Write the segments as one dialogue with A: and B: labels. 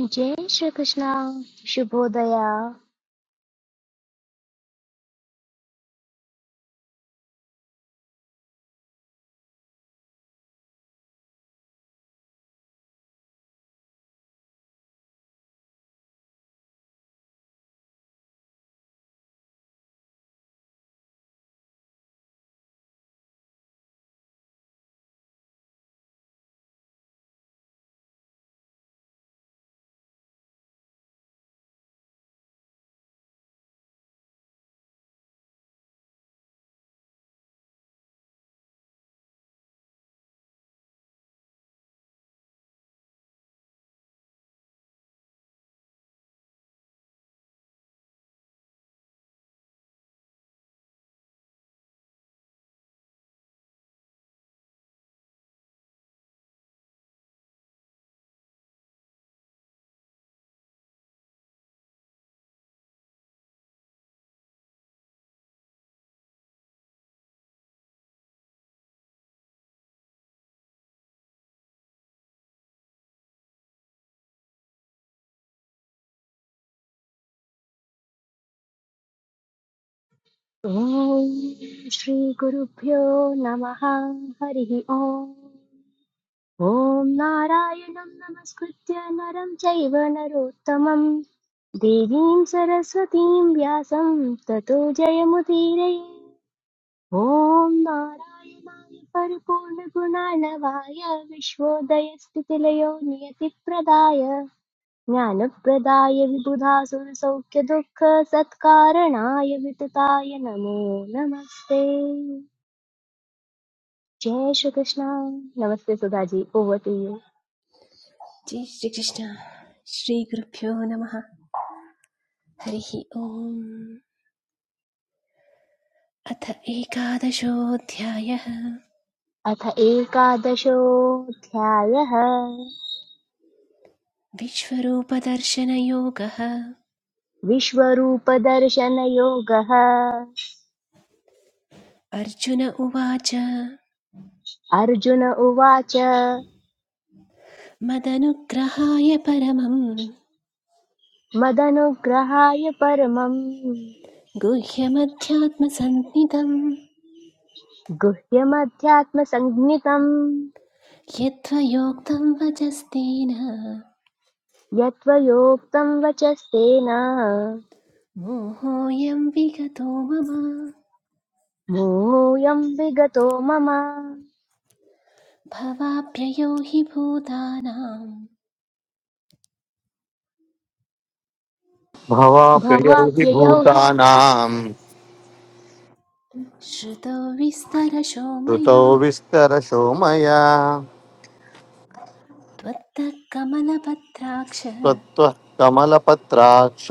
A: जय श्रीकृष्ण शुभोदया ओम श्री गुरुभ्यो नमः हरिः ॐ ॐ नारायणं नमस्कृत्य नरं चैव नरोत्तमं देवीं सरस्वतीं व्यासं ततो जयमुदीरये ॐ नारायणाय परिपूर्णगुणार्णवाय विश्वोदयस्थितिलयो नियतिप्रदाय ज्ञानप्रदाय विबुधासुरसौख्यदुःखसत्कारणाय वितताय नमो नमस्ते जय श्रीकृष्ण नमस्ते सुधाजी ओवर टू यू
B: जय श्री श्रीगुरुभ्यो नमः हरिः ओम् अथ एकादशोऽध्यायः
A: अथ एकादशोऽध्यायः
B: विश्वरूपदर्शनयोगः
A: विश्वरूपदर्शनयोगः
B: अर्जुन उवाच
A: अर्जुन उवाच
B: मदनुग्रहाय परमं
A: मदनुग्रहाय परमम्
B: गुह्यमध्यात्मसन्निधं
A: गुह्यमध्यात्मसञ्ज्ञितम्
B: यद्वयोक्तं वचस्तेन
A: यत्त्वयोक्तम् वचस्तेन
B: मोहोऽयं विगतो मम
A: मोऽयं विगतो मम
B: भवाभ्ययो हि भूतानां
C: भवाप्ययैः
A: भवाप्ययौ हि
C: भूतानाम्
B: श्रुतो विस्तरशो
C: श्रुतौ
B: मया
C: विस्तरशो मया
B: त्वत्तः कमलपत्राक्ष
C: त्वत्त्वः कमलपत्राक्ष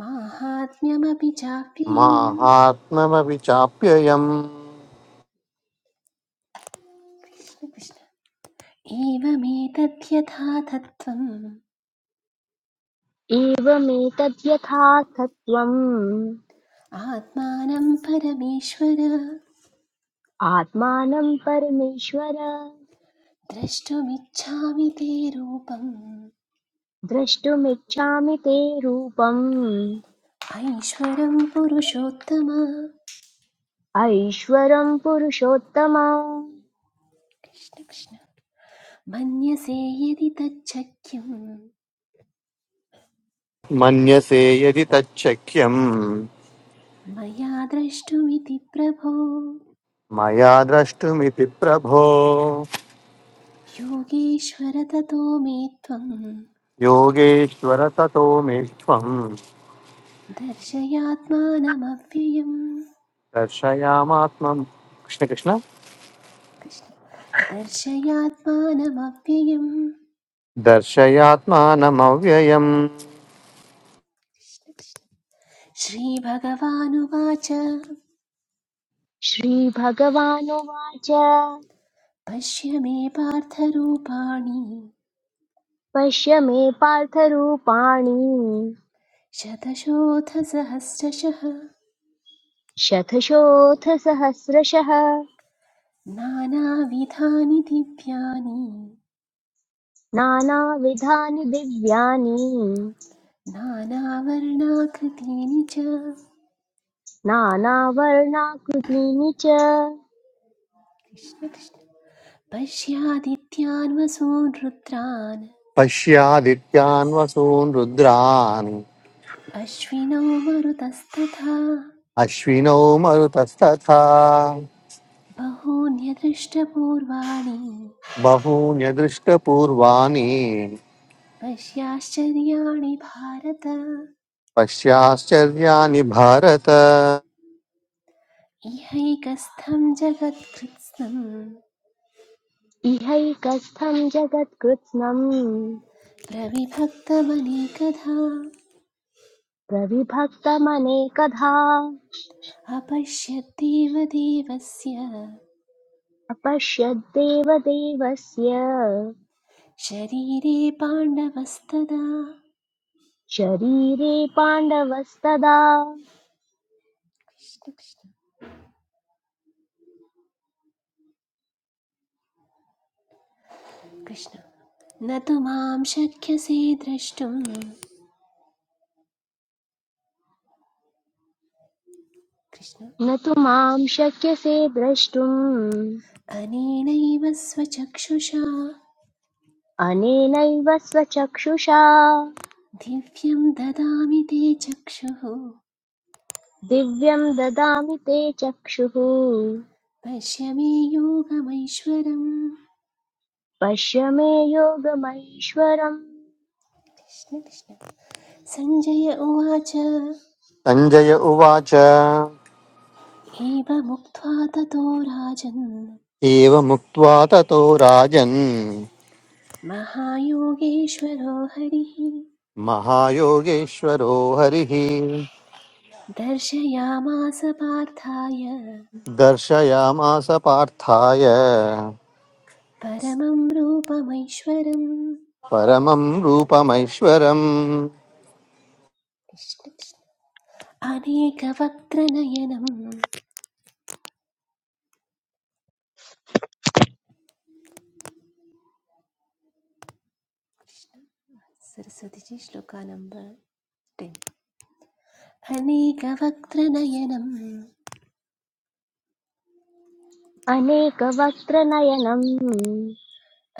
B: माहात्म्यमपि चाप्ययम्
C: माहात्म्यमपि चाप्ययम्
B: कृष्ण एवमेतद्यथा तत्त्वम्
A: एवमेतत्
B: आत्मानं परमेश्वर
A: आत्मानं परमेश्वर
B: द्रष्टुमिच्छामि ते रूपम्
A: द्रष्टुमिच्छामि ते रूपम्
B: ऐश्वरं पुरुषोत्तम
A: ऐश्वरं पुरुषोत्तम
B: कृष्ण कृष्ण मन्यसे यदि तच्छक्यं
C: मन्यसे यदि तच्छक्यम्
B: मया द्रष्टुमिति प्रभो
C: मया द्रष्टुमिति प्रभो
B: योगेश्वर ततो मे त्वं
C: योगेश्वर ततो मे त्वम्
B: दर्शयात्मानमव्ययम्
C: दर्शयामात्मम् कृष्णकृष्ण
B: कृष्ण दर्शयात्मानमव्ययम्
C: दर्शयात्मानमव्ययम्
B: कृष्ण, कृष्ण। श्रीभगवानुवाच
A: श्रीभगवानुवाच
B: पश्य मे पार्थरूपाणि
A: पश्य मे पार्थरूपाणि
B: शतशोऽथसहस्रशः
A: शतशोऽथ सहस्रशः
B: नानाविधानि दिव्यानि
A: नानाविधानि दिव्यानि
B: नानावर्णाकृतीनि च कृष्ण
A: नानावर्णाकृतीनि च
B: कृष्ण। पश्यादित्यान् वसून् रुद्रान्
C: पश्यादित्यान् वसून् रुद्रान्
B: अश्विनौ मरुतस्तथा
C: अश्विनौ मरुतस्तथा
B: बहून्यदृष्टपूर्वाणि
C: बहून्य दृष्टपूर्वाणि
B: पश्याश्चर्याणि भारत
C: पश्याश्चर्याणि भारत
B: इहैकस्थं जगत्कृत्स्नं
A: इहैकस्थं जगत्कृत्स्नम्
B: प्रविभक्तमनेकधा
A: प्रविभक्तमनेकधा
B: अपश्यद्देव देवस्य
A: अपश्यद्देवदेवस्य
B: शरीरे पाण्डवस्तदा
A: शरीरे पाण्डवस्तदा
B: कृष्ण कृष्ण कृष्ण न तु मां शक्यसे द्रष्टुं कृष्ण
A: न तु मां शक्यसे द्रष्टुम्
B: अनेनैव स्वचक्षुषा
A: अनेनैव स्वचक्षुषा
B: दिव्यं ददामि ते चक्षुः
A: दिव्यं ददामि ते चक्षुः
B: पश्यमे मे योगमैश्वरम्
A: पश्य मे योगमैश्वरम्
B: कृष्ण कृष्ण सञ्जय उवाच
C: सञ्जय उवाच
B: एवमुक्त्वा ततो राजन्
C: एवमुक्त्वा ततो राजन्
B: महायोगेश्वरो हरिः
C: महायोगेश्वरो हरिः
B: दर्शयामास पार्थाय
C: दर्शयामास पार्थाय
B: परमं रूपमैश्वरम्
C: परमं रूपमैश्वरम्
B: कृष्ण कृष्ण अनेकवक्त्रनयनं सरस्वतीजी श्लोका नम्बर् टेन् अनेकवक्त्रनयनम्
A: अनेकवक्त्रनयनम्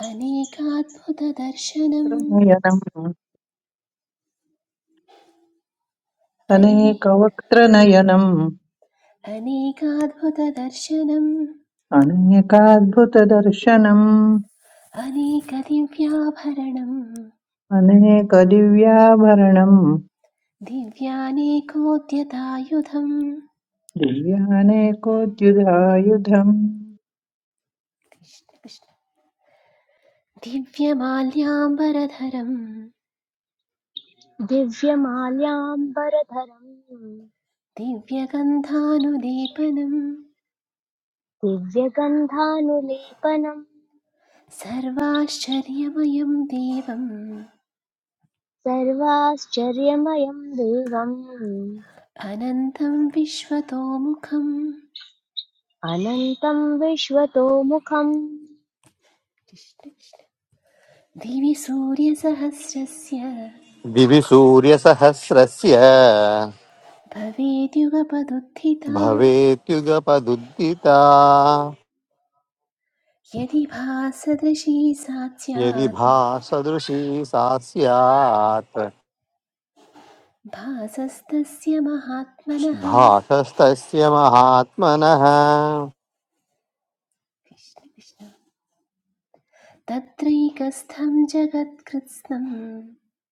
B: अनेकाद्भुतदर्शनम्
D: नेत्रनयनम्
B: अने
D: अनेकवक्त्रनयनम्
B: अनेकाद्भुतदर्शनम्
D: अनेकाद्भुतदर्शनम्
B: अनेकदिव्याभरणम्
D: अनेकदिव्याभरणम्
B: दिव्यानेकोद्यतायुधम्
D: दिव्यानेकोद्युधायुधम्
B: कृष्ण कृष्ण। दिव्यमाल्याम्बरधरम्
A: दिव्यमाल्याम्बरधरम्
B: दिव्यगन्धानुलेपनम्
A: दिव्यगन्धानुलेपनम्
B: सर्वाश्चर्यमयं देवम्
A: सर्वाश्चर्यमयम् देवम्
B: अनन्तं विश्वतोमुखम्
A: अनन्तम् विश्वतोमुखम्
B: कृष्ण कृष्ण। दिवि सूर्यसहस्रस्य
C: दिवि सूर्यसहस्रस्य
B: भवेद्युगपदुत्थिता
C: भवेत्युगपदुदिता
B: यदि भासदृशी सा
C: यदि
B: स्यात्
C: भासदृशी सा स्यात्
B: भासस्तस्य महात्मनः
C: भासस्तस्य महात्मनः
B: कृष्ण कृष्ण तत्रैकस्थं जगत्कृत्स्नं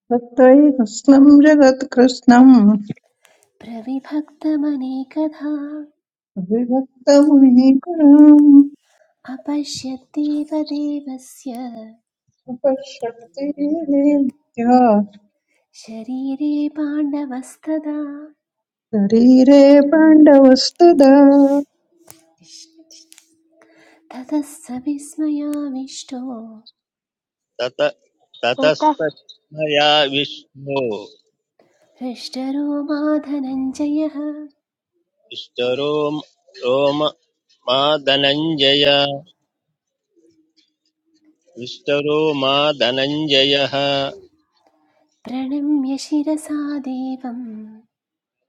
D: तत्त्वैकस्नम् जगत्कृत्स्नम्
B: प्रविभक्तमनेकधा
D: विभक्तमुनीकरम्
B: अपश्यद्देव देवस्य
D: उपशक्तिर्विद्या
B: शरीरे पाण्डवस्तदा
D: शरीरे पाण्डवस्तदा
B: ततः स विस्मयाविष्टो
E: तत
A: ततः
E: ततस्तस्मया विष्णु
B: हृष्टरो माधनञ्जयः
E: विष्टरो रोम मा धनञ्जय विष्टरो मा धनञ्जयः
B: प्रणम्य शिरसा देवम्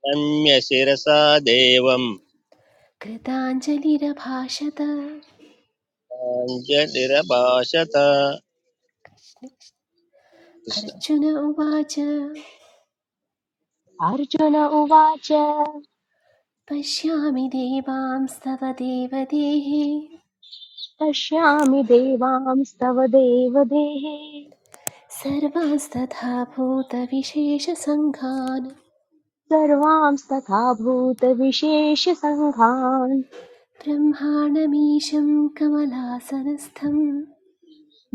E: रम्य शिरसा देवं
B: कृताञ्जलिरभाषत कृष्ण
E: पाञ्जलिरभाषत
B: कृष्ण। अर्जुन उवाच
A: अर्जुन उवाच
B: पश्यामि देवांस्तव देवदेः
A: पश्यामि देवांस्तव देवदेहे
B: सर्वांस्तथा भूतविशेषसङ्घान्
A: सर्वांस्तथा भूतविशेषसङ्घान्
B: ब्रह्माणमीशं कमलासनस्थं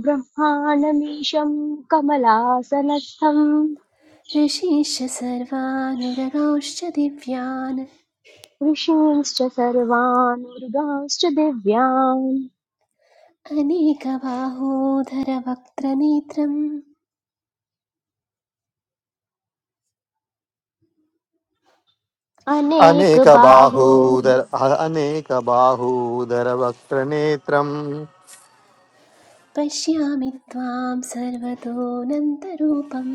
A: ब्रह्माणमीशम् कमलासनस्थम्
B: ऋषीश्च सर्वानुरगांश्च दिव्यान्
A: ऋषींश्च सर्वानुर्गांश्च दिव्यान्
B: अनेकबाहोधरवक्त्रनेत्रं कृष्ण किरञ्जि
A: अनेकबाहो
C: अनेकबाहूदर अनेकबाहूदरवक्त्रनेत्रं
B: पश्यामि त्वां सर्वतोऽनन्तरूपं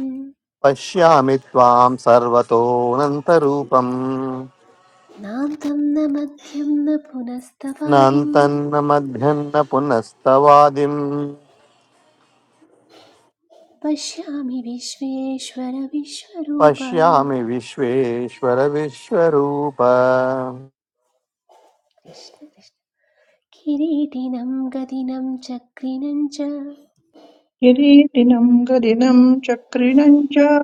C: पश्यामि त्वां सर्वतोऽनन्तरूपम्
B: नान्तं न मध्यं न पुनस्तवादिं
C: नान्तन्न मध्यन्न पुनस्तवादिं
B: पश्यामि विश्वेश्वर विश्वरूप
C: पश्यामि विश्वेश्वर विश्वरूप
B: कृष्ण कृष्ण। किरीटिनं गदिनं चक्रिनं च
D: किरीटिनम् गदिनम् चक्रिणम् च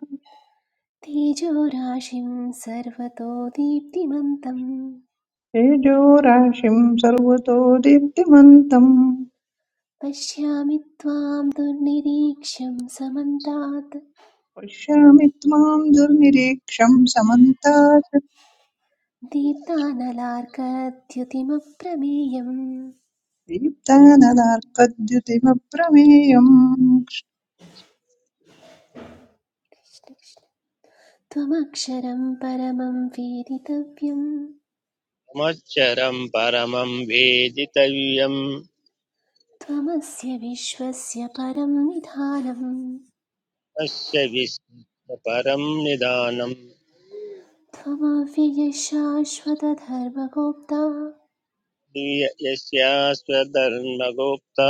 B: तेजोराशिं सर्वतो दीप्तिमन्तं
D: तेजोराशिं सर्वतो दीप्तिमन्तम्
B: पश्यामि त्वां दुर्निरीक्ष्यं समन्तात्
D: पश्यामि त्वां दुर्निरीक्षं
B: दीप्तानलार्कद्युतिमप्रमेयम्
D: समन्ताशक्तिदीप्तानलार्कद्युतिमप्रमेयम्
B: त्वमक्षरं परमं वेदितव्यं
E: कृष्णमक्षरं परमं वेदितव्यं
B: त्वमस्य विश्वस्य परं निधानम्
E: तस्य विष्णु परं निदानं
B: त्वमव्ययशाश्वतधर्मगोप्ता
E: दिव्य यस्यास्वधर्मगोप्ता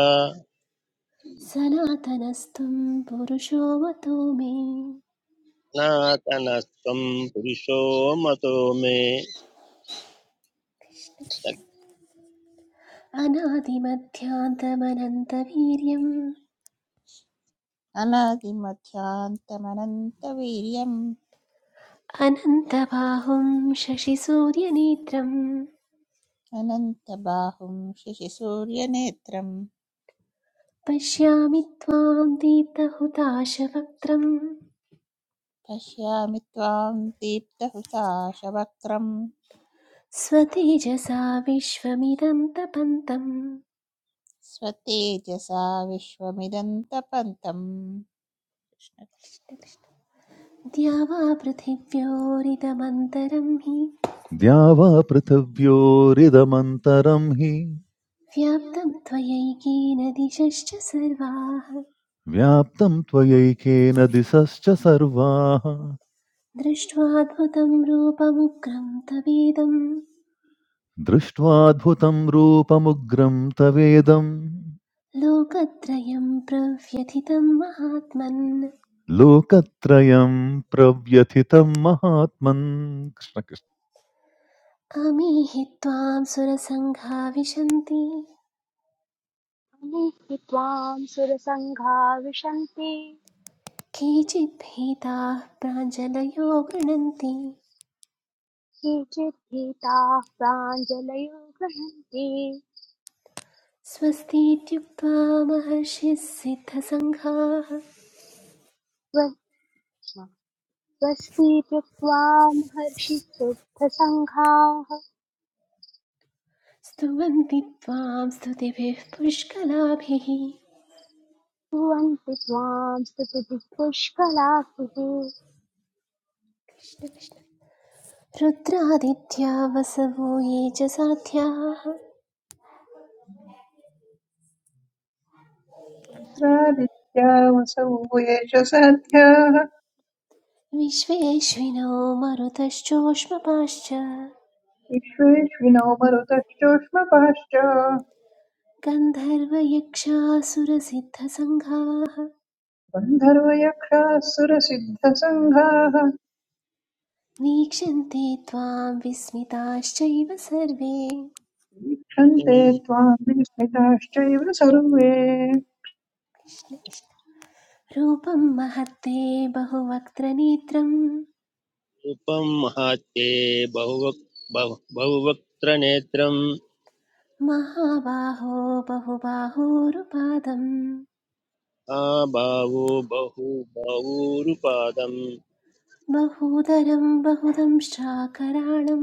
B: सनातनस्त्वं पुरुषो मतो मे
E: सनातनस्त्वं पुरुषो मतो मे
B: अनादिमध्यान्तमनन्तवीर्यम्
F: अनादिमध्यान्तमनन्तवीर्यम्
B: अनन्तबाहुं शशिसूर्यनेत्रं
F: अनन्तबाहुं शशिसूर्यनेत्रं
B: पश्यामि त्वां दीप्तहुताशवक्त्रम्
F: पश्यामि त्वां दीप्तहुताशवक्त्रं
B: स्वतेजसा विश्वमिदं तपन्तम्
F: स्वतेजसा विश्वमिदन्तपन्तम्
B: द्यावा वा पृथिव्योरिदमन्तरं हि
G: द्यावापृथिव्योरिदमन्तरं हि
B: व्याप्तं त्वयैकेन दिशश्च सर्वाः
G: व्याप्तं त्वयैकेन दिशश्च सर्वाः
B: दृष्ट्वाद्भुतं रूपमुग्रं तवेदं
G: दृष्ट्वाद्भुतं रूपमुग्रं तवेदं
B: लोकत्रयं प्रव्यथितं महात्मन्
G: लोकत्रयं प्रव्यथितं महात्मन् कृष्णकृष्ण
B: अमीहि त्वां सुरसङ्घा विशन्ति
A: अनेके त्वां सुरसङ्घा विशन्ति
B: केचिद्भीताः प्राञ्जलयो गृणन्ति
A: केचित् भीताः प्राञ्जलयो गृह्णन्ति
B: स्वस्ति इत्युक्त्वा महर्षिः सिद्धसङ्घाः
A: स्व- स्वस्ति कृत्वा महर्षि सिद्धसङ्घाः
B: स्तुवन्ति त्वां स्तुतिभिः पुष्कलाभिः
A: कुर्वन्ति त्वां स्तुतिः पुष्कलाभिः
B: कृष्ण कृष्ण रुद्रादित्या वसवो ये च साध्याः
D: क्षुद्रादित्यावसौ येष साध्याः
B: विश्वेश्विनो मरुतश्चोष्मपाश्च
D: विश्वेश्विनो मरुतश्चोष्मपाश्च
B: गन्धर्वयक्षासुरसिद्धसङ्घाः
D: गन्धर्वयक्षासुरसिद्धसङ्घाः
B: वीक्षन्ते त्वां विस्मिताश्चैव सर्वे
D: क्षन्ते
E: शक्तिं
D: त्वां विस्मिताश्चैव सर्वे
B: रूपं महत्ते बहुवक्त्रनेत्रं
E: रूपं महात्ये बहुवक् बहु- बहुवक्त्रनेत्रम्
B: महाबाहो बहुबाहोरुपादं
E: आबाहो बहु बहुरूपादम्
B: बहूदरं बहुदं श्चाकराणं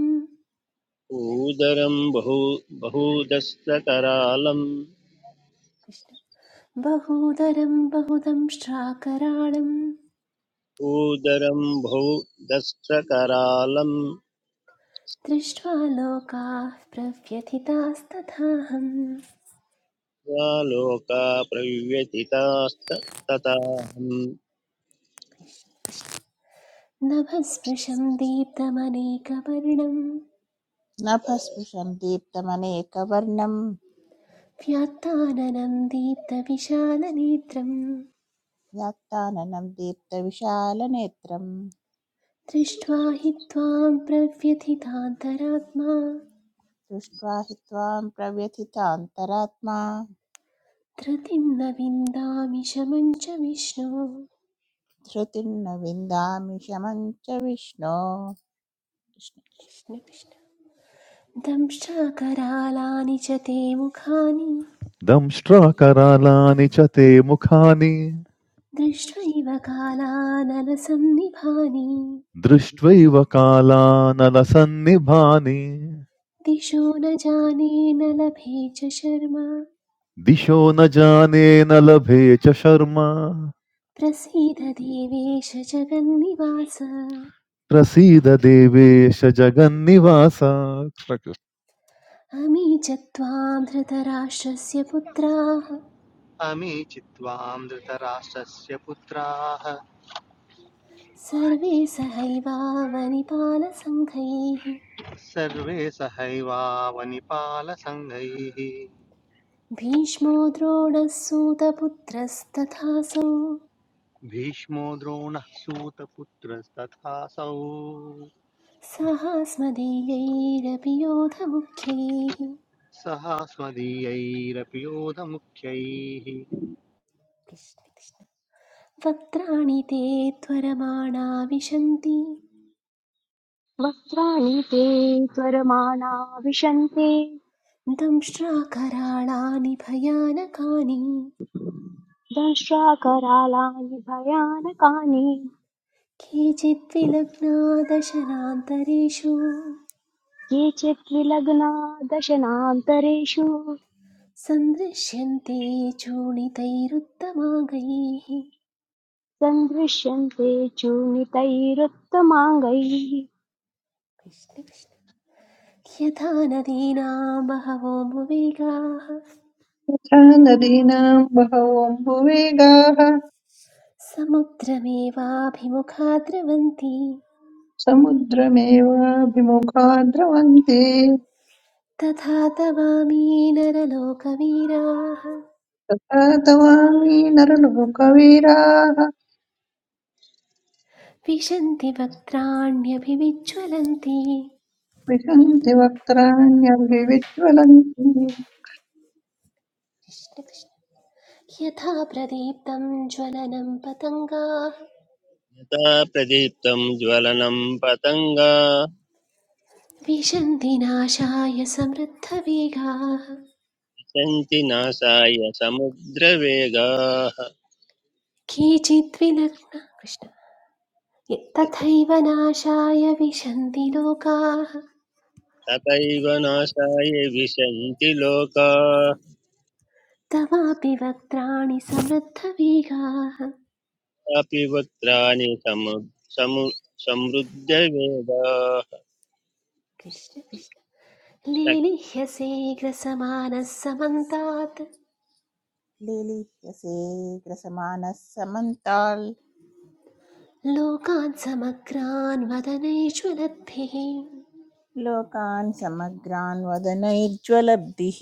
E: ऊदरं बहु बहुदस्त्रकरालम्
B: कृष्ण बहूदरं बहुदं श्चाकराणं
E: ऊदरं बहुदस्त्रकरालं
B: दृष्ट्वा लोकाः प्रव्यथितास्तथाहं
E: त्वालोका प्रव्यथितास्त तथाहं
B: नभस्पृशं दीप्तमनेकवर्णं
F: नभस्पृशं दीप्तमनेकवर्णं
B: व्यात्ताननं दीप्तविशालनेत्रं
F: व्यात्ताननं दीप्तविशालनेत्रं
B: दृष्ट्वा हि त्वां प्रव्यथितान्तरात्मा
F: दृष्ट्वा हि त्वां प्रव्यथितान्तरात्मा
B: धृतिं न विन्दामि शमं च विष्णु
F: धृतिं न विन्दामि शमं च विष्णो
B: कृष्ण कृष्ण दंशाकरालानि च ते मुखानि
G: दंष्ट्राकरालानि च ते मुखानि
B: दृष्ट्वैव कालानलसन्निभानि
G: दृष्ट्वैव कालानलसन्निभानि
B: दिशो न जाने न लभे च शर्मा
G: दिशो न जाने न लभे च शर्मा
B: प्रसीद देवेश जगन्निवास
G: प्रसीद देवेश जगन्निवास कृष्णकृष्ण
B: अमी च त्वां धृतराष्ट्रस्य पुत्राः
H: अमी चित्वां धृतराष्ट्रस्य पुत्राः
B: सर्वे सहैवावनिपालसङ्घैः
H: सर्वे सहैवावनिपालसङ्घैः
B: भीष्मो द्रोणसूतपुत्रस्तथासौ
H: भीष्मो द्रोणः सूतपुत्रस्तथासौ
B: सहास्मदीयैरपि योधमुख्यैः
H: सहा स्वदीयैरपि योधमुख्यैः
B: वक्त्राणि ते त्वरमाणा विशन्ति
A: वक्त्राणि ते त्वरमाणा विशन्ति
B: दंष्ट्राकराळानि भयानकानि
A: दंष्ट्राकरालानि भयानकानि
B: केचिद्विलग्ना दशनान्तरेषु
A: केचित् विलग्ना दशनान्तरेषु
B: सन्दृश्यन्ते चूणितैरुत्तमाङ्गैः
A: सन्दृश्यन्ते चूर्णितैरुत्तमाङ्गैः
B: यथा नदीनां बहवोमुवेगाः
D: तथा नदीनां बहवोऽम्बुवेगाः
B: समुद्रमेवाभिमुखा द्रवन्ति
D: समुद्रमेवाभिमुखा द्रवन्ति
B: तथा तवामी नरलोकवीराः
D: तथा तवामि नरलोकवीराः
B: विशन्ति वक्त्राण्यभिविज्ज्वलन्ति
D: विशन्ति वक्त्राण्यभिविज्वलन्ति
B: कृष्ण कृष्ण। यथा प्रदीप्तं ज्वलनं पतङ्गाः
E: यथा प्रदीप्तं ज्वलनं पतङ्गा
B: विशन्ति नाशाय समृद्धवेगाः
E: सन्ति नासाय समुद्रवेगाः
B: केचिद्विलग्न कृष्ण य- तथैव नाशाय विशन्ति लोकाः
E: तथैव नाशाय विशन्ति लोकाः
B: तवापि वक्त्राणि समृद्धवेगाः
E: अपि वक्त्राणि समु समु समृद्धवेदा
B: कृष्ण कृष्ण लीलिह्यसे ग्रसमानः समन्तात्
F: लीलिह्यसे ग्रसमानः समन्ताल्
B: लोकान् समग्रान् वदनैश्वलद्भिः
F: लोकान् समग्रान् वदनैर्ज्वलब्धिः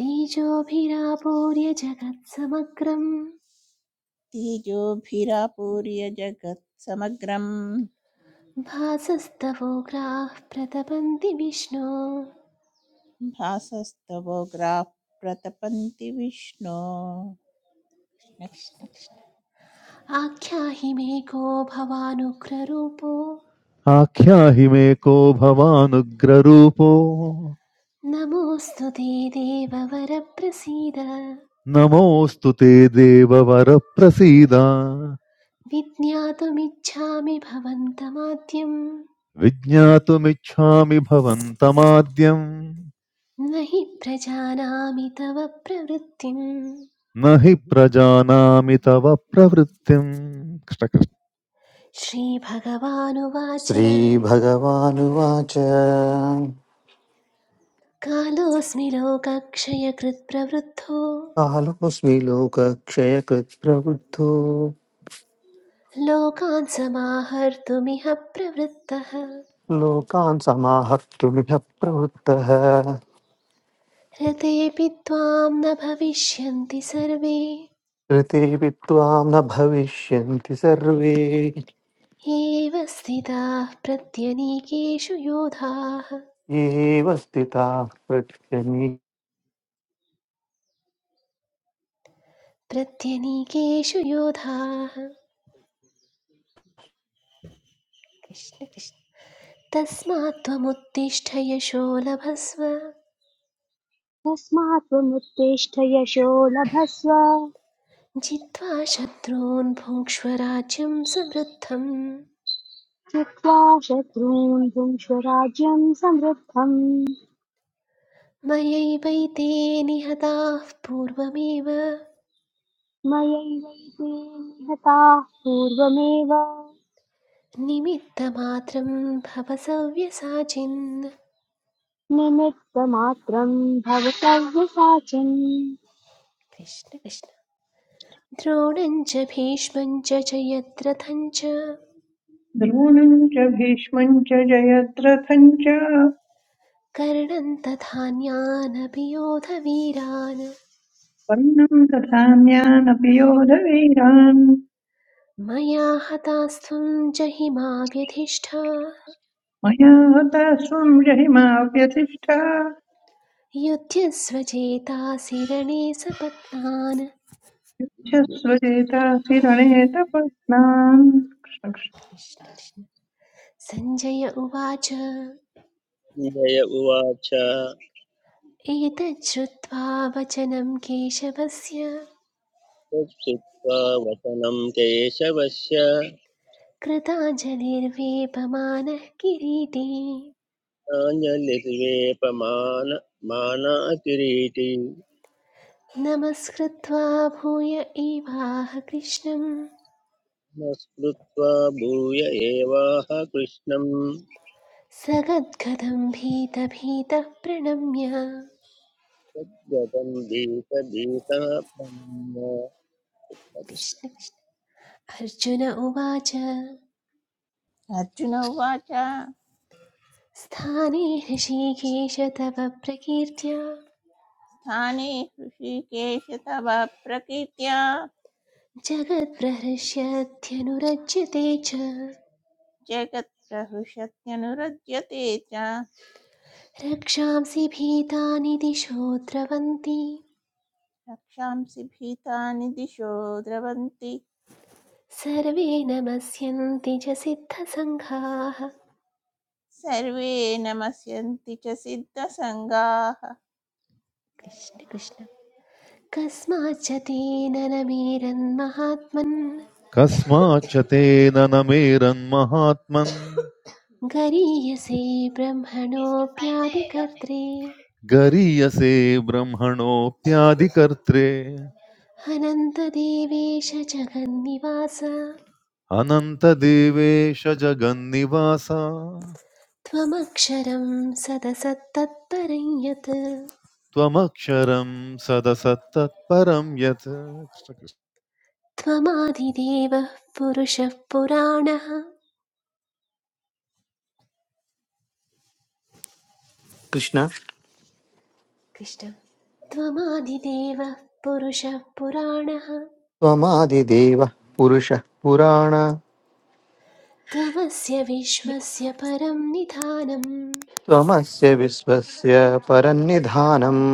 B: तेजोभिरापूर्य जगत्समग्रम्
F: तेजोभिरापूर्य जगत् समग्रं
B: भासस्तवोग्राः प्रतपन्ति विष्णो
F: भासस्तवोग्राः प्रतपन्ति विष्णो
B: आख्याहि मे को भवानुग्ररूपो
G: आख्याहि मे को भवानुग्ररूपो
B: नमोऽस्तु ते देववरप्रसीद
G: नमोऽस्तु ते देववर प्रसीद
B: विज्ञातुमिच्छामि भवन्तमाद्यम्
G: विज्ञातुमिच्छामि भवन्तमाद्यम्
B: न हि प्रजानामि तव प्रवृत्तिम्
G: न हि प्रजानामि तव प्रवृत्तिम् कृष्णकृष्ण
B: श्रीभगवानुवाच
H: श्रीभगवानुवाच
B: कालोऽस्मि लोकक्षयकृत् प्रवृद्धो
H: कालोऽस्मि लोकक्षयकृत् प्रवृद्धो
B: लोकान् समाहर्तुमिह प्रवृत्तः
H: लोकान् समाहर्तुमिह प्रवृत्तः
B: रतेऽपि त्वां न भविष्यन्ति सर्वे
H: ऋतेऽपि त्वां न भविष्यन्ति सर्वे
B: एव स्थिताः प्रत्यनीकेषु योधाः
H: एव स्थिताः पृथ्वी
B: प्रत्यनीकेषु योधाः कृष्ण कृष्ण तस्मात् त्वमुत्तिष्ठ यशो लभस्व
A: तस्मात् त्वमुत्तिष्ठ यशो लभस्व
B: जित्वा शत्रून् भुङ्क्ष्व राज्यं समृद्धम्
A: चित्वा शत्रून् भुङ्क्ष्व राज्यं समृद्धम्
B: मयैवैते निहताः पूर्वमेव
A: मयैवैते निहताः पूर्वमेव
B: निमित्तमात्रं भव सव्यसाचिन्
A: निमित्तमात्रं भवतव्यसाचिन्
B: कृष्ण कृष्ण द्रोणं च भीष्मं च जयद्रथं च
D: द्रोणम् च भीष्मम् च जयद्रथम् च
B: कर्णं तथान्यानपि योधवीरान्
D: वर्णम् दधान्यानपि योधवीरान्
B: मया हतास्त्वं च हिमा व्यधिष्ठा
D: मया हता स्वम् जहिमाव्यतिष्ठा
B: युध्यस्व चेतासि रणे सपत्नान्
D: शस्वजेतासि रणे तपस्नान्
B: सञ्जय उवाच
E: सञ्जय उवाच
B: एतच्छ्रुत्वा वचनं केशवस्य
E: तच्छ्रुत्वा वचनं केशवस्य
B: कृताञ्जलिर्वेपमानः किरीटे
E: प्राञ्जलिर्वेपमान मानातिरीति
B: नमस्कृत्वा भूय एवाह कृष्णं
E: नमस्कृत्वा भूय एवाह कृष्णं
B: सगद्गदं भीतभीतः प्रणम्य
E: तद्गतं भीतभीतः प्रणम्य
B: कृष्ण कृष्ण। अर्जुन उवाच
F: अर्जुन उवाच
B: स्थाने हृषीकेश तव प्रकीर्त्या
F: स्थाने हृषीकेश तव प्रकीर्त्या
B: जगत्प्रहृष्यत्यनुरज्यते च
F: जगत् प्रहृषत्यनुरज्यते च
B: रक्षांसि भीतानि दिशो द्रवन्ति
F: रक्षांसि भीतानि दिशो द्रवन्ति
B: सर्वे नमस्यन्ति च सिद्धसङ्घाः
F: सर्वे नमस्यन्ति च सिद्धसङ्गाः
B: कृष्ण कृष्ण कस्माच्च तेन न मेरन्महात्मन्
G: कस्माच्च तेन न मेरन्महात्मन्
B: गरीयसे ब्रह्मणोऽप्यादिकर्त्रे
G: गरीयसे ब्रह्मणोऽप्यादिकर्त्रे
B: अनन्तदेवेश जगन्निवास
G: अनन्तदेवेश जगन्निवासा
B: त्वमक्षरं सदसत्तत्परं यत्
G: त्वमक्षरं सदसत्तत्परं यत् कृष्ण कृष्ण।
B: त्वमादिदेवः पुरुषः पुराणः
H: कृष्ण
B: कृष्ण त्वमादिदेवः पुरुषः पुराणः
H: त्वमादिदेवः पुरुषः पुराण
B: त्वमस्य विश्वस्य परं निधानम्
H: त्वमस्य विश्वस्य परन्निधानम्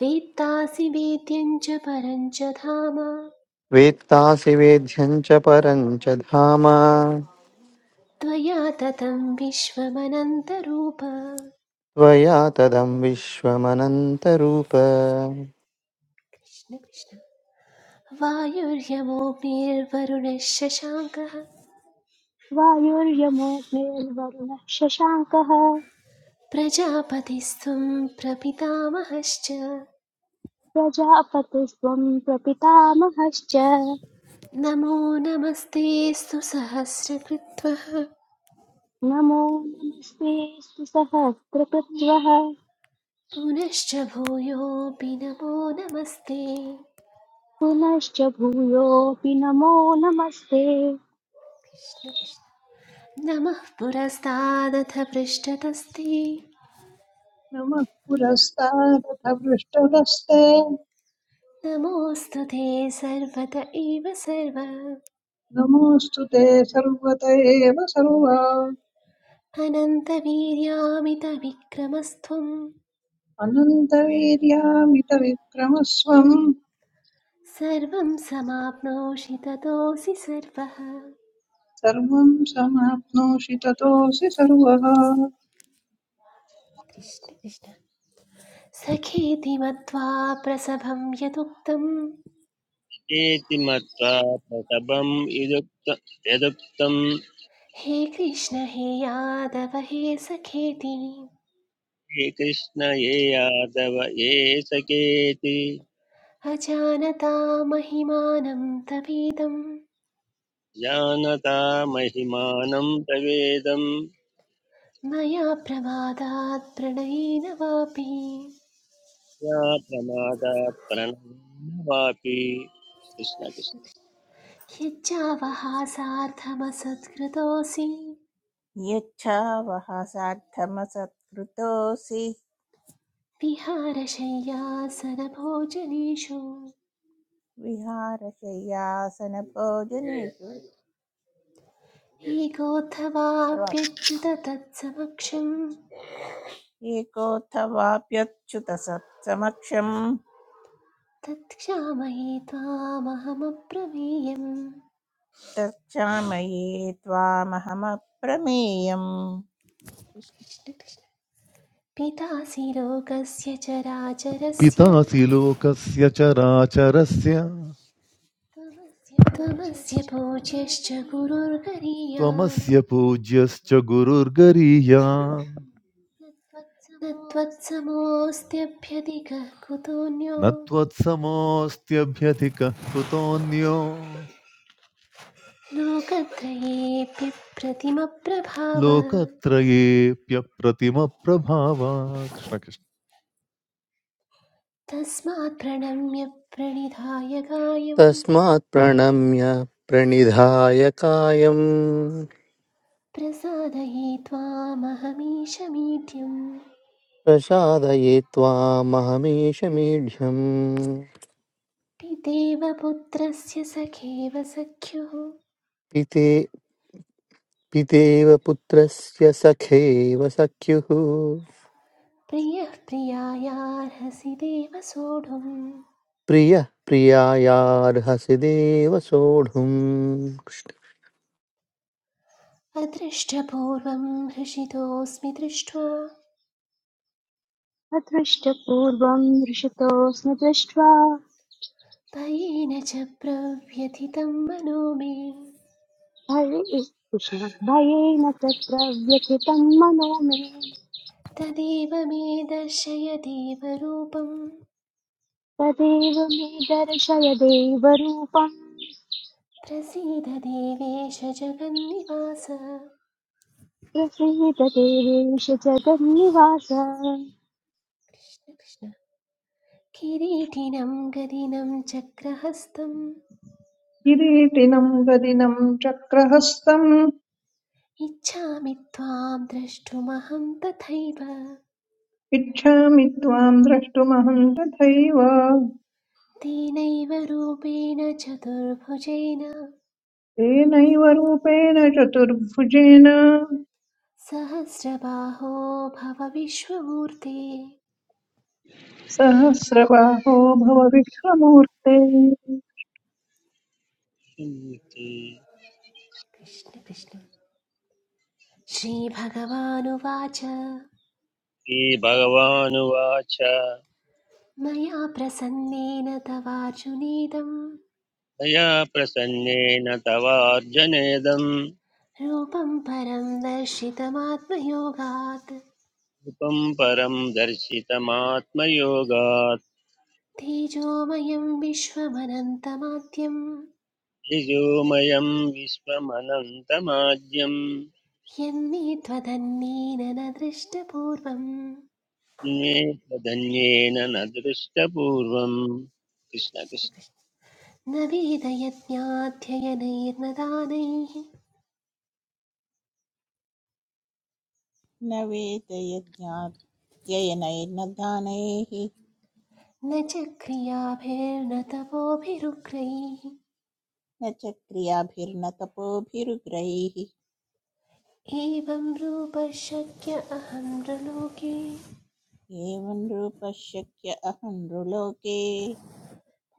B: वेत्तासि वेद्यं च परं च धाम
H: वेत्तासि वेद्यम् च परम् च धाम
B: त्वया ततं विश्वमनन्तरूप
H: त्वया तदम् विश्वमनन्तरूप
B: कृष्ण कृष्ण वायुर्यमोऽग्निर्वरुणः शशाङ्कः
A: वायुर्यमोऽग्निर्वरुणः शशाङ्कः
B: प्रजापतिस्त्वं प्रपितामहश्च
A: प्रजापतिस्त्वं प्रपितामहश्च
B: नमो नमस्ते सुसहस्रकृत्वः
A: नमो नमस्तेऽस्तु सहस्रकृत्वः
B: पुनश्च भूयोऽपि नमो नमस्ते
A: पुनश्च भूयोऽपि नमो नमस्ते
B: कृष्ण कृष्ण। नमः पुरस्तादथ पृष्ठतस्ते
D: नमः पुरस्तादथ पृष्ठतस्ते
B: नमोऽस्तु ते सर्वत एव सर्व
D: नमोऽस्तु ते सर्वत एव सर्वा
B: अनन्तवीर्यामितविक्रमस्त्वं
D: अनन्तवीर्यामितविक्रमस्वम्
B: सर्वं समाप्नोषि ततोऽसि सर्वः
D: सर्वं समाप्नोषि ततोऽसि सर्वः
B: कृष्ण कृष्ण सखेति मत्वा प्रसभं यदुक्तं
E: इति मत्वा प्रसभम् यदुक्त यदुक्तम्
B: हे कृष्ण हे यादव हे सखेति
E: श्रीकृष्ण ये यादव ये सखेति
B: अजानता महिमानं तवेदं
E: जानता महिमानं प्रवेदं
B: मया प्रमादात् प्रणयेन वापि
E: या प्रमादात् प्रणवापि
B: यच्चावहासार्थमसत्कृतोऽसि
F: यच्छावः सार्थमसत्कृतोऽसि
B: विहारशय्यासनभोजनेषु
F: विहारशय्यासनभोजनेषु सर्वात्
B: एकोऽथवाप्यच्युत तत्समक्षं
F: एकोऽथवाप्यच्युतसत्समक्षम्
B: तत्क्षामये त्वामहमप्रमेयम्
F: तक्षामये त्वामहमप्रमेयम्
B: पितासि लोकस्य चराचरस्य
G: पितासि लोकस्य चराचरस्य
B: त्वमस्य पूज्यश्च गुरुर्गरीयान्
G: त्वमस्य पूज्यश्च गुरुर्गरीया
B: न त्वत्समोऽस्त्यभ्यधिकः कुतोऽन्यो
G: न त्वत्समोऽस्त्यभ्यधिकः कुतोऽन्यो
B: लोकत्रयेऽपि प्रतिमप्रभाव
G: लोकत्रयेऽप्यप्रतिमप्रभावा कृष्णकृष्ण
B: तस्मात् प्रणम्य प्रणिधाय कायं
H: तस्मात् प्रणम्य प्रणिधाय कायम्
B: प्रसादये त्वामहमीशमीड्यम्
H: प्रसादये त्वामहमेष मेढ्यम्
B: पितेव पुत्रस्य सखेव सख्युः
H: इति पितेव पुत्रस्य सखेव सख्युः
B: प्रियः प्रियायार्हसि देव सोढुम्
H: प्रियः प्रियायार्हसि देव सोढुम्
B: अदृष्टपूर्वं हृषितोऽस्मि दृष्टो
A: अदृष्टपूर्वं दृशतोऽस्मि दृष्ट्वा
B: तयेन च प्रव्यथितं मनो मे
A: भये कृष्ण भयेन तत्र व्यथितं मनो मे
B: तदेव मे दर्शय देवरूपं
A: तदेव मे दर्शय देवरूपम्
B: प्रसीद देवेश जगन्निवास
A: प्रसीद देवेश जगन्निवास
B: कृष्ण कृष्ण किरीटिनं गदिनं चक्रहस्तम्
D: किरीटिनं गदिनं चक्रहस्तम्
B: इच्छामि त्वां द्रष्टुमहं तथैव
D: इच्छामि त्वां द्रष्टुमहं तथैव
B: तेनैव रूपेण चतुर्भुजेन
D: तेनैव रूपेण चतुर्भुजेन
B: सहस्रबाहो भव विश्वमूर्ते
D: सहस्रबाहो भव विश्वमूर्ते
E: कृष्णकृष्णन्ति
B: कृष्ण कृष्ण श्रीभगवानुवाच
E: श्री भगवानुवाच
B: मया प्रसन्नेन तवार्जुनेदं
E: मया प्रसन्नेन तवार्जनेदं
B: रूपं परं दर्शितमात्मयोगात्
E: रूपं परं दर्शितमात्मयोगात्
B: तेजोमयं विश्वमनन्तमाद्यं
E: ऋजोमयं विश्वमनन्तमाद्यं
B: यन्मे त्वदन्येन न दृष्टपूर्वं
E: धन्येन न दृष्टपूर्वम् कृष्ण कृष्ण
B: न वेदयज्ञाध्ययनैर्न दानैः
F: न वेदयज्ञात्ययनैर्न दानैः
B: न च क्रियाभिर्न तपोभिरुग्रैः
F: न च क्रियाभिर्न तपोभिरुग्रैः
B: एवं रूप शक्य अहं नृलोके
F: एवं रूपः अहं नृलोके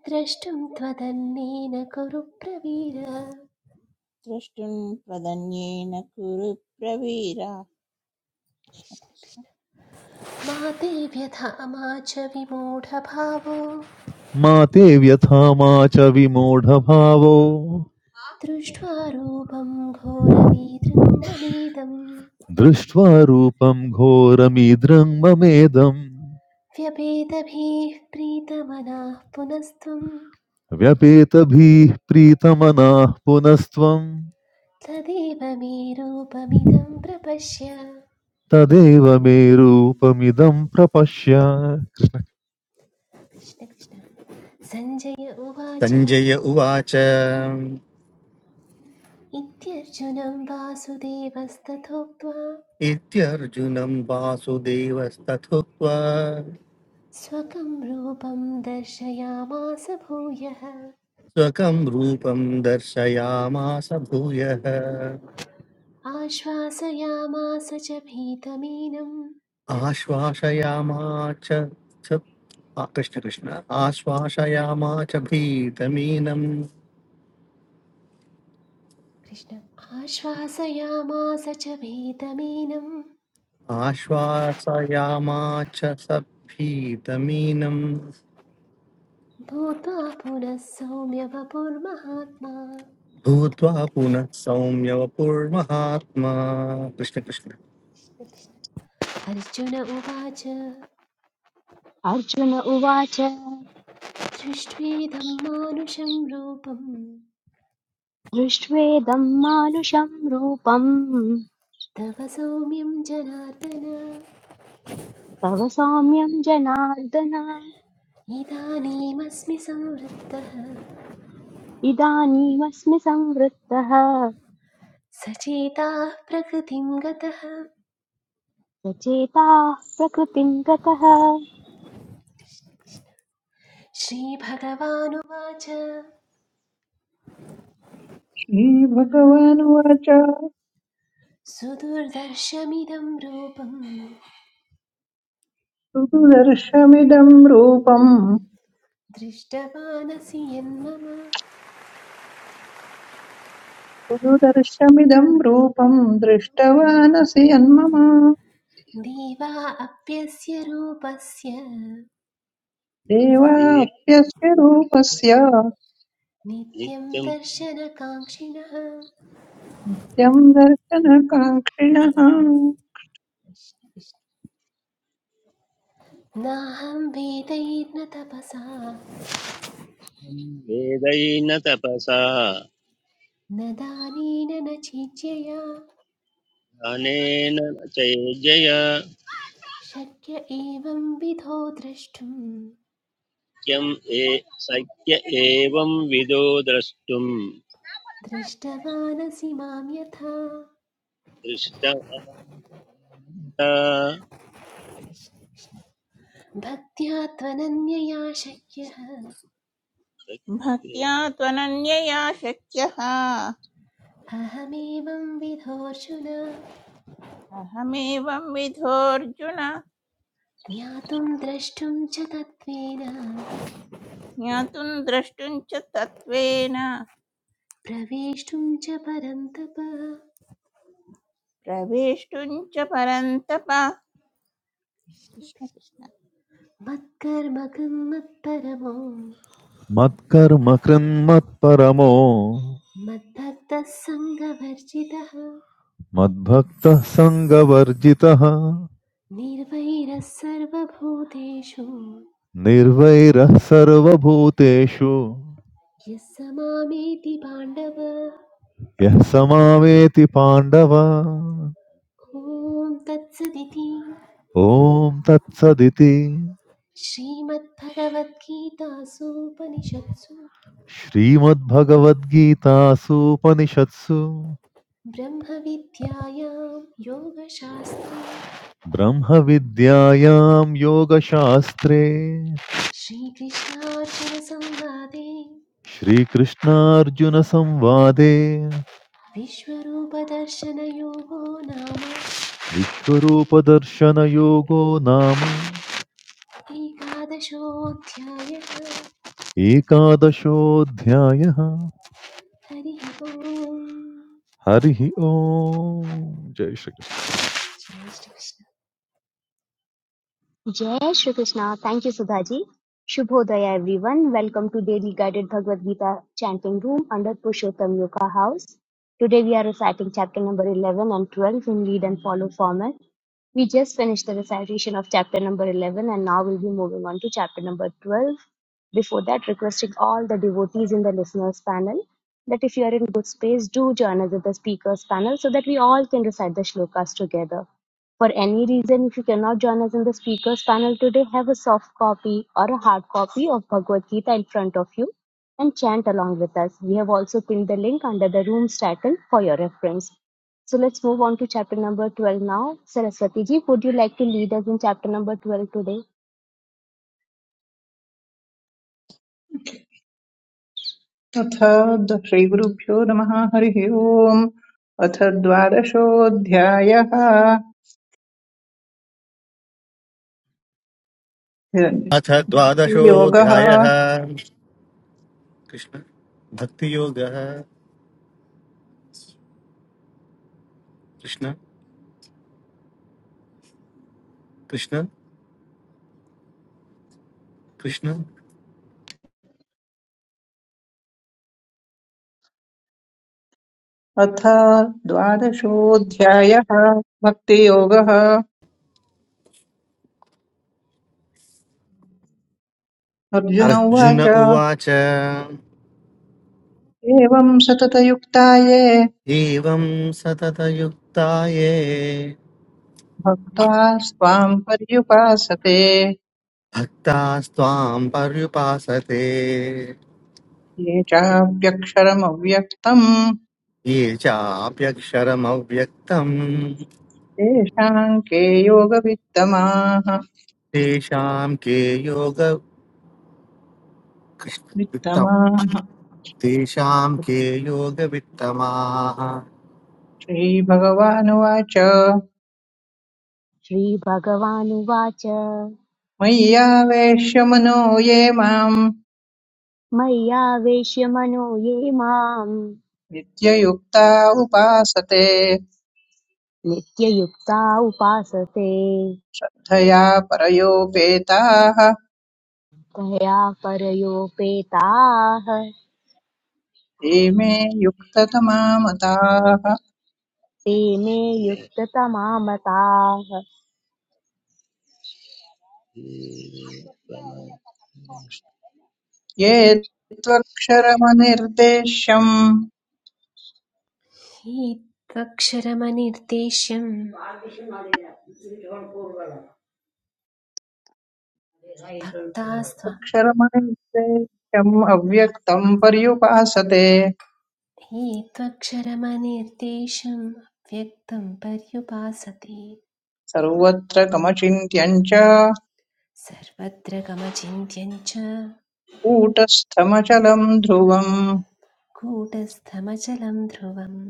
B: द्रष्टुं त्वदन्येन कुरु प्रवीर
F: द्रष्टुं त्वदन्येन कुरु प्रवीर कृष्ण कृष्ण।
B: मा ते व्यथा मा च विमूढभावो
G: मा ते व्यथा मा च विमूढभावो
B: दृष्ट्वा रूपं घोरमीदृं ममेदं
G: दृष्ट्वा रूपं घोरमीद्रं ममेदं
B: व्यपेतभिः प्रीतमनाः पुनस्त्वं
G: व्यपेतभिः प्रीतमनाः पुनस्त्वं
B: तदेव मे रूपमिदं प्रपश्य
G: तदेव मे रूपमिदं प्रपश्य
B: कृष्ण कृष्ण। सञ्जय उवाच
H: सञ्जय उवाच
B: इत्यर्जुनं वासुदेवस्तथोक्त्वा
H: इत्यर्जुनं वासुदेवस्तथुक्त्वा
B: स्वकं रूपं दर्शयामास भूयः
H: स्वकं रूपं दर्शयामास भूयः
B: आश्वासयामास च भीतमीनं
H: आश्वासयामाच च- आ, कृष्ण कृष्ण आश्वासयामा च भीतमीनम्
B: कृष्ण आश्वासयामास च भीतमीनं
H: आश्वासयामाच सभीतमीनं
B: भूत्वा पुनः सौम्य वपुर्महात्मा
H: भूत्वा पुनः सौम्यवपुर्महात्मा कृष्ण कृष्ण
B: अर्जुन उवाच
A: अर्जुन उवाच
B: दृष्ट्वेदं मानुषं रूपं
A: दृष्ट्वेदं मानुषं रूपं
B: तव सौम्यं जनार्दन
A: तव सौम्यं जनार्दन
B: इदानीमस्मि संवृत्तः
A: इदानीमस्मि संवृत्तः
B: सचेताः प्रकृतिं गतः
A: सचेता प्रकृतिं गतः
B: श्रीभगवानुवाच
D: श्रीभगवानुवाच
B: सुदुर्दर्शमिदं रूपं
D: सुदर्शमिदं रूपम्
B: दृष्टवानसि यन्मम
D: गुरुदर्शमिदं रूपं दृष्टवानसि यन्मम
B: देवा अप्यस्य रूपस्य
E: ये
D: देवाप्यस्य रूपस्य
B: नित्यं
E: नित्यं
B: दर्शनकाङ्क्षिणः
D: नित्यं दर्शनकाङ्क्षिणः
B: नाहं वेदैर्न तपसा
E: वेदैन तपसा
B: न दानेन न चीज्यया
E: अनेन चैर्जयाख्यं
B: शक्य एवं विधो द्रष्टुं
E: ये शक्य एवं विदो द्रष्टुं
B: दृष्टवानसि मां यथा
E: दृष्टवानता
B: भक्त्या त्वनन्यया शक्यः
F: भक्त्या त्वनन्यया शक्यः
B: अहमेवं विधोऽर्जुन
F: अहमेवं विधोऽर्जुन
B: ज्ञातुं द्रष्टुं च तत्त्वेन
F: ज्ञातुं द्रष्टुं च तत्त्वेन
B: प्रवेष्टुं च परन्तप
F: प्रवेष्टुं च परन्तप कृष्ण कृष्ण
B: मत्कर्मकं मत्परमो
G: मत्कर्म कृन्मत्परमो
B: मद्भक्तः सङ्गवर्जितः
G: मद्भक्तः सङ्गवर्जितः
B: निर्वैरः सर्वभूतेषु
G: निर्वैरः सर्वभूतेषु
B: यः स मामेति पाण्डव
G: यः समावेति पाण्डव
B: ॐ तत्सदिति
G: ॐ तत्सदिति
B: श्रीमद्भगवद्गीतासूपनिषत्सु
G: श्रीमद्भगवद्गीतासूपनिषत्सु
B: ब्रह्मविद्यायां योगशास्त्रे
G: ब्रह्मविद्यायां योगशास्त्रे
B: श्रीकृष्णार्जुनसंवादे
G: श्रीकृष्णार्जुनसंवादे
B: विश्वरूपदर्शनयोगो नाम
G: विश्वरूपदर्शनयोगो नाम
B: एकादशोऽध्यायः
G: एकादशोऽध्यायः
B: हरिः ओम्
G: हरिः ओम् जय श्रीकृष्ण
B: जय Shrikrishna
A: Jai Shri Krishna. Thank you, Sudhaji. Shubhodaya, everyone. Welcome to Daily Guided Bhagavad Gita Chanting Room under Pushottam Yoga House. Today we are reciting chapter number 11 and 12 in lead and follow format. We just finished the recitation of chapter number 11 and now we'll be moving on to chapter number 12. Before that, requesting all the devotees in the listeners panel that if you are in good space, do join us at the speakers panel so that we all can recite the shlokas together. For any reason if you cannot join us in the speakers panel today, have a soft copy or a hard copy of Bhagavad Gita in front of you and chant along with us. We have also pinned the link under the room's title for your reference. So let's move on to chapter number 12 now. Saraswati ji, would you like to lead us in chapter number 12 today?
D: अथ द- श्रीगुरुभ्यो नमः हरिः ओम् अथ द्वादशोऽध्यायः
H: अथ
D: भक्तियोगः
H: द्वादशोऽध्यायः कृष्ण भक्तियोगः कृष्ण कृष्ण कृष्ण
D: अथ द्वादशोऽध्यायः भक्तियोगः अर्जुन
H: अर्जुन
D: उवाच
H: उवाच
D: एवं सततयुक्ता ये
H: एवं सततयुक्ताये
D: भक्त्वा स्वाम् पर्युपासते ये
H: भक्तास्त्वां पर्युपासते
D: चाप्यक्षरमव्यक्तम्
H: ये चाप्यक्षरमव्यक्तम्
D: तेषाम् के योगवित्तमाः
H: तेषां के योग वित्तम्
D: वित्तमाः
H: तेषां के योगवित्तमाः
D: श्रीभगवानुवाच
A: Shri Bhagavanuvacha
D: मय्यावेश्य मनो ये माम्
A: Maya Veshya Mano Ye Mam
D: नित्ययुक्ता उपासते
A: Nityayukta Upasate
D: धया परयोपेताः
A: Taya Parayopetāh
D: ते मे युक्ततमा मताः
A: ते मे युक्ततमामताः
D: ये त्वक्षरमनिर्देश्यम्
B: हे त्वक्षरमनिर्देशं भक्तास्त्व
D: अक्षरमनिर्देश्यम् अव्यक्तम् पर्युपासते
B: हे त्वक्षरमनिर्देशं व्यक्तं पर्युपासते
D: सर्वत्र कमचिन्त्यम् च
B: सर्वत्र गमचिन्त्यं च
D: कूटस्थमचलम् ध्रुवम्
B: कूटस्थमचलं ध्रुवम्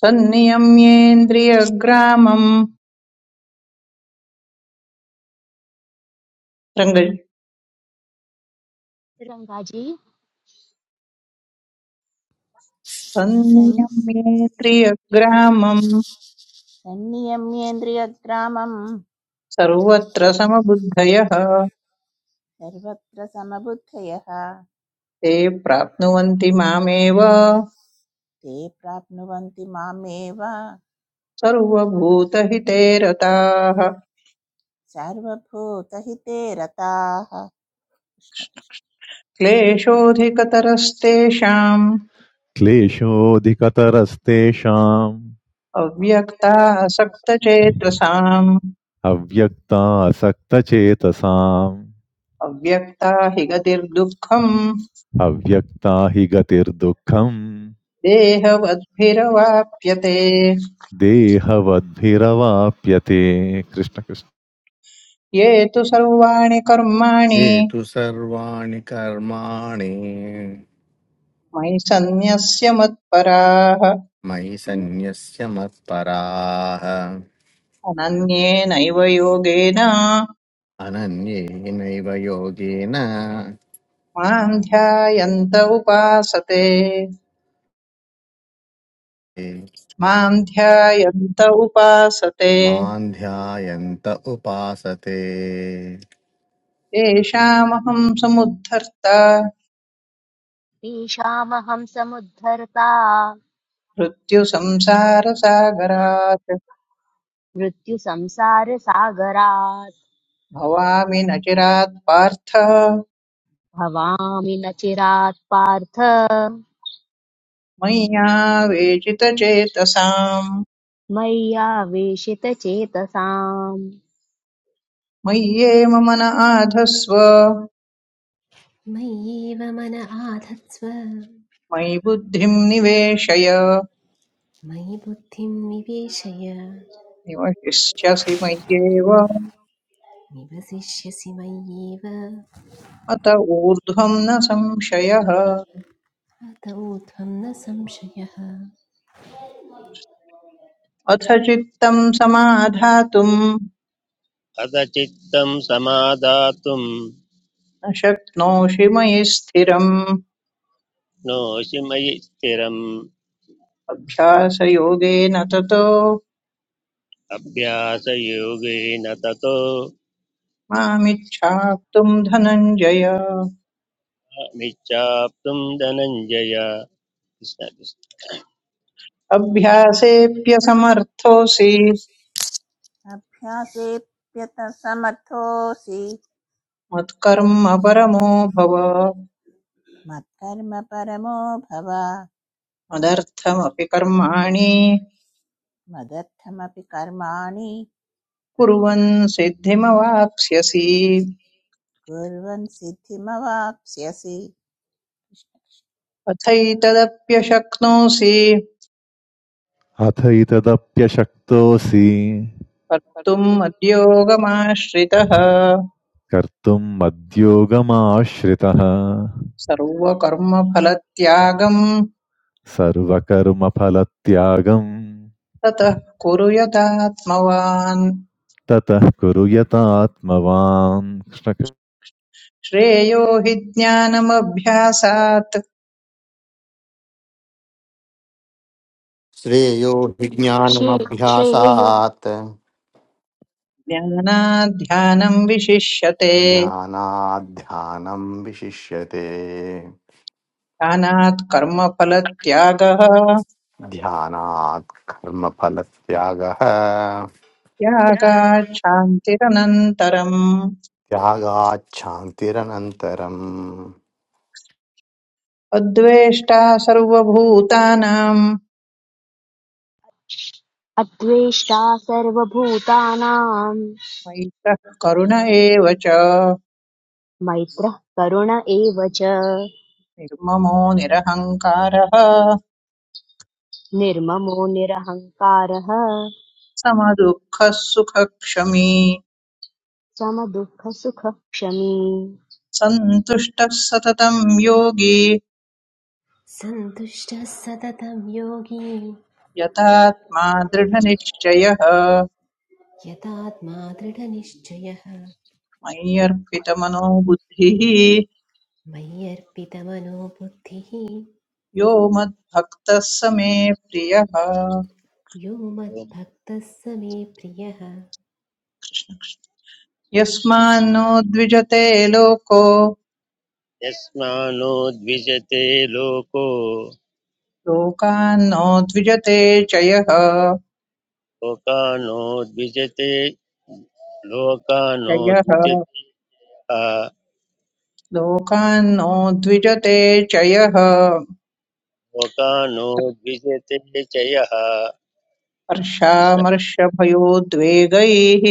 D: सन्नियम्येन्द्रियग्रामम् रङ्ग
A: रङ्गाजी
F: सन्-
D: सन्नियम्येन्द्रियग्रामम् सर्वत्र समबुद्धयः
F: सर्वत्र समबुद्धयः
D: ते प्राप्नुवन्ति मामेव
F: ते प्राप्नुवन्ति मामेव
D: सर्वभूतहिते रताः
F: सर्वभूतहिते रताः कृष्ण कृष्ण
D: क्लेशोऽधिकतरस्तेषाम्
G: क्लेशोऽधिकतरस्तेषाम्
D: अव्यक्ता असक्तचेतसाम्
G: अव्यक्तासक्तचेतसाम्
D: अव्यक्ता हि गतिर्दुःखम्
G: अव्यक्ता हि गतिर्दुःखम्
D: देहवद्भिरवाप्यते
G: देहवद्भिरवाप्यते कृष्ण कृष्ण
D: ये तु सर्वाणि कर्माणि
H: ये तु सर्वाणि कर्माणि
D: मयि सन्न्यस्य मत्पराः
H: मयि सन्न्यस्य मत्पराः
D: अनन्येनैव योगेन
H: अनन्येनैव योगेन
D: मां ध्यायन्त उपासते
H: ते
D: मां ध्यायन्त उपासते
H: मां ध्यायन्त उपासते
D: तेषामहं समुद्धर्ता
A: तेषामहं समुद्धर्ता
D: मृत्युसंसारसागरात्
A: मृत्युसंसारसागरात्
D: भवामि न चिरात् पार्थ
A: भवामि न चिरात् पार्थ
D: मय्यावेचितचेतसाम्
A: मय्यावेशितचेतसाम्
D: मय्येव मन आधस्व
B: मय्येव मन आधत्स्व
D: मयि बुद्धिम् निवेशय
B: मयि बुद्धिं निवेशय
D: निवशिष्यसि मय्येव अत
B: निवसिष्यसि मय्येव
D: ऊर्ध्वम् न संशयः
B: अतौ त्वं न संशयः
D: अथ चित्तम् समाधातुम् न
E: कदचित्तं समादातुं
D: शक्नोषि मयि स्थिरम्
E: नोषि मयि स्थिरम्
D: अभ्यासयोगेन ततो
E: अभ्यासयोगेन ततो
D: मामिच्छाप्तुम् धनञ्जय
E: मिच्छाप्तुं धनञ्जय कृष्ण कृष्ण।
D: अभ्यासेऽप्यसमर्थोऽसि
F: अभ्यासेऽप्यतसमर्थोऽसि
D: मत्कर्म परमो भव
F: मत्कर्म परमो भव
D: मदर्थमपि कर्माणि
F: मदर्थमपि कर्माणि
D: कुर्वन् सिद्धिमवाप्स्यसि
F: कुर्वन् सिद्धिमवाप्स्यसि कृष्ण कृष्ण।
D: अथैतदप्यशक्नोषि
G: अथ इतदप्यशक्तोऽसि
D: कर्तुम् मद्योगमाश्रितः
G: कर्तुम् मद्योगमाश्रितः
D: सर्वकर्मफलत्यागम्
G: सर्वकर्मफलत्यागम्
D: ततः कुरु यथात्मवान्
G: ततः कुरु यतात्मवान् कृष्ण कृष्ण।
D: श्रेयो हि ज्ञानमभ्यासात्
H: श्रेयो हि
A: शे- श्रेयो
H: ज्ञानमभ्यासात्
D: ज्ञानात् ध्यानम् विशिष्यते
H: ज्ञानात् ध्यानं विशिष्यते
D: ध्यानात् कर्मफलत्यागः
H: ध्यानात् कर्मफलत्यागः
D: त्यागात् शान्तिरनन्तरम्
H: त्यागात् शान्तिरनन्तरम्
D: अद्वेष्टा सर्वभूतानां
A: अद्वेष्टा सर्वभूतानां
D: मैत्रः करुण एव च
A: मैत्रः करुण एव च
D: निर्ममो निरहङ्कारः
A: निर्ममो निरहङ्कारः
D: समदुःखः सुखक्षमी
A: समदुःखसुखक्षमी
D: सन्तुष्टः सततं योगी
B: सन्तुष्टः सततं योगी
D: यतात्मा दृढनिश्चयः
B: यतात्मा दृढनिश्चयः
D: मय्यर्पितमनो बुद्धिः
B: मयि बुद्धिः
D: यो मद्भक्तः स मे प्रियः
B: यो मद्भक्तः स मे प्रियः
D: यस्मान्नो द्विजते लोको
E: यस्मानो द्विजते लोको
D: लोकान्नो द्विजते चयः
E: लोकानो द्विजते लोकानो
D: चयः
E: द्विजतः
D: लोकान्नो द्विजते चयः
E: लोकानो द्विजते चयः कृष्ण
D: हर्षामर्षभयोद्वेगैः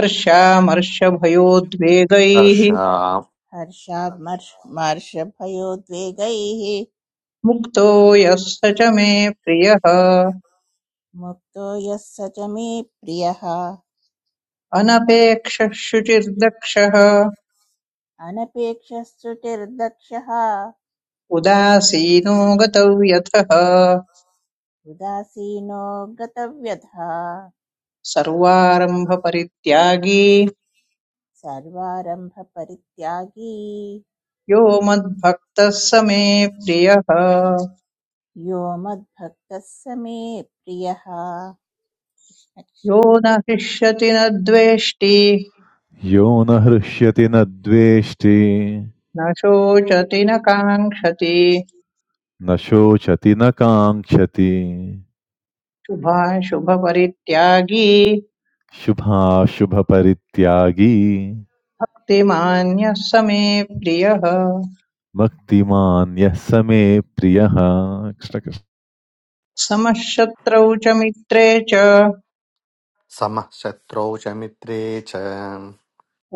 D: हर्षामर्षभयोद्वेगैः
H: हर्षा
F: हर्षामर्षभयोद्वेगैः
D: मुक्तो यः स च मे प्रियः
F: मुक्तो यः स च मे प्रियः
D: अनपेक्षः शुचिर्दक्षः
F: अनपेक्षश्रुतिर्दक्षः
D: उदासीनो गतव्यथः
F: उदासीनो गतव्यथा
D: सर्वारम्भपरित्यागी
F: सर्वारम्भपरित्यागी
D: यो मद्भक्तः स मे प्रियः
F: यो मद्भक्तः स मे प्रियः कृष्ण
D: यो
F: कृष्ण
D: न हृष्यति न द्वेष्टि
G: यो न हृष्यति न द्वेष्टि
D: न शोचति न काङ्क्षति
G: न शोचति न काङ्क्षति
D: शुभाशुभपरित्यागी
G: शुभाशुभपरित्यागी
D: भक्तिमान्यः स मे प्रियः
G: भक्तिमान्यः स मे प्रियः कृष्ण कृष्ण।
D: समः शत्रौ च मित्रे च
H: समः शत्रौ च मित्रे च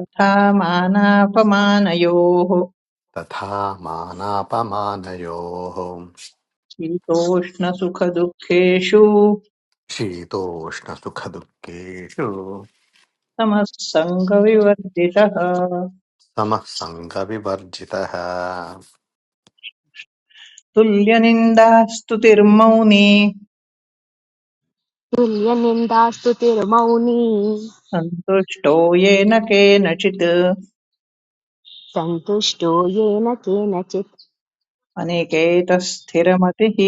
D: तथा मानापमानयोः
H: तथा मानापमानयोः
D: शीतोष्णसुखदुःखेषु
H: शीतोष्णसुखदुःखेषु
D: समः सङ्गविवर्जितः
H: समः सङ्गविवर्जितः
D: तुल्यनिन्दास्तुतिर्मौनी
A: तुल्यनिन्दास्तु तिरुमौनी
D: सन्तुष्टो येन केनचित्
A: सन्तुष्टो येन केनचित्
D: अनिकेतः स्थिरमतिः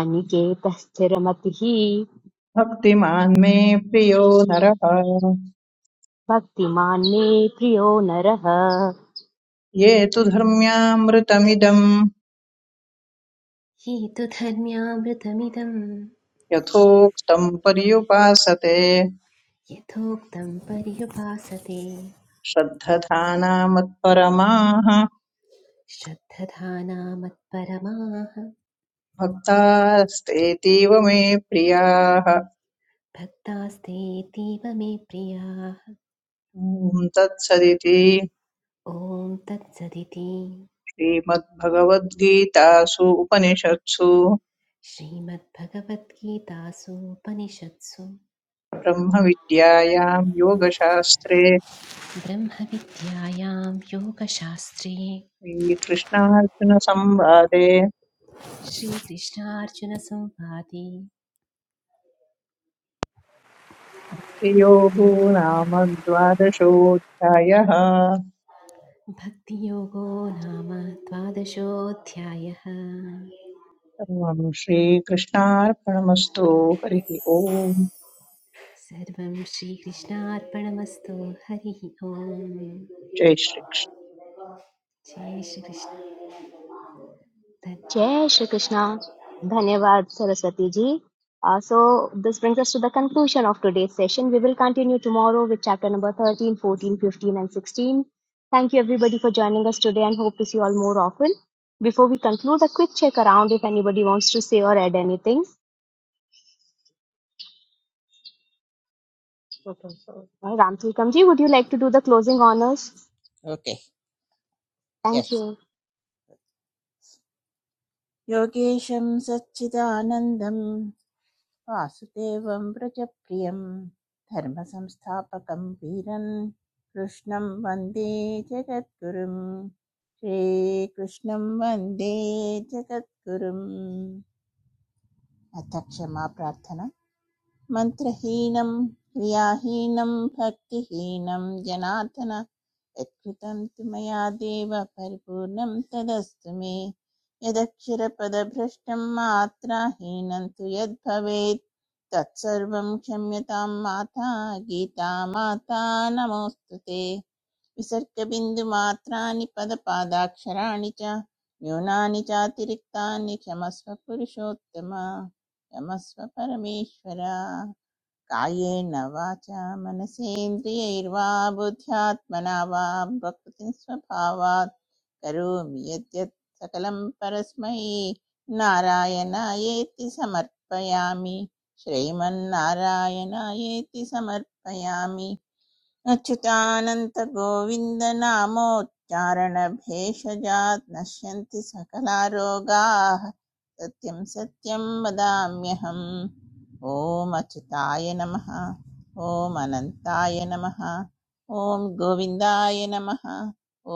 A: अनिकेतः स्थिरमतिः
D: भक्तिमान् मे प्रियो नरः
A: भक्तिमान् मे प्रियो नरः
D: ये तु धर्म्यामृतमिदम्
B: ये तु धर्म्यामृतमिदं
D: यथोक्तं पर्युपासते
B: यथोक्तं पर्युपासते
D: श्रद्धधानामत्परमाः
B: श्रद्धधाना मत्परमाः
D: भक्तास्तेतीव मे प्रियाः
B: भक्तास्तेतीव मे प्रियाः
D: ॐ तत्सदिति
B: ॐ तत्सदिति
D: श्रीमद्भगवद्गीतासु उपनिषत्सु
B: श्रीमद्भगवद्गीतासूपनिषत्सु
D: ब्रह्मविद्यायां योगशास्त्रे
B: ब्रह्मविद्यायां योगशास्त्रे
D: श्रीकृष्णार्जुनसंवादे
B: श्रीकृष्णार्जुनसंवादे
D: श्रीयोगो नाम द्वादशोऽध्यायः
B: भक्तियोगो नाम द्वादशोऽध्यायः
D: सर्वं श्रीकृष्णार्पणमस्तु हरिः ओम्
B: सर्वं श्रीकृष्णार्पणमस्तु हरिः ओम्
D: जय श्रीकृष्ण
B: जय श्रीकृष्ण धन्यवादः।
A: जय श्री कृष्णा धन्यवाद Saraswati ji Uh, so this brings us to the conclusion of today's session. We will continue tomorrow with chapter number 13, 14, 15 and 16. Thank you everybody for joining us today and hope to see you all more often. Before we conclude, a quick check around if anybody wants to say or add anything. Okay, so All right, Ramtilkamji, would you like to do the closing honors?
F: Okay
A: Thank
F: yes
A: you.
F: योगेशं सच्चिदानन्दं वासुदेवं व्रजप्रियं धर्मसंस्थापकं वीरन् कृष्णं वन्दे जगद्गुरुं श्रीकृष्णं वन्दे जगद्गुरुम् अथ क्षमा प्रार्थना मन्त्रहीनं क्रियाहीनं भक्तिहीनं जनार्दन यत्कृतं तु मया देव परिपूर्णं तदस्तु मे यदक्षरपदभ्रष्टं मात्राहीनं तु यद्भवेत् तत्सर्वं क्षम्यतां माता गीता माता नमोऽस्तु ते विसर्गबिन्दुमात्राणि पदपादाक्षराणि च न्यूनानि चातिरिक्तानि क्षमस्व पुरुषोत्तम क्षमस्व परमेश्वर कायेन वाचा मनसेन्द्रियैर्वा बुद्ध्यात्मना वा प्रकृतिं स्वभावात् करोमि यद्यत् सकलं परस्मै नारायणायेति समर्पयामि श्रीमन्नारायणायेति समर्पयामि अच्युतानन्तगोविन्दनामोच्चारणभेषजात् नश्यन्ति सकलारोगाः सत्यं सत्यं वदाम्यहम् ॐ अच्युताय नमः ॐ अनन्ताय नमः ॐ गोविन्दाय नमः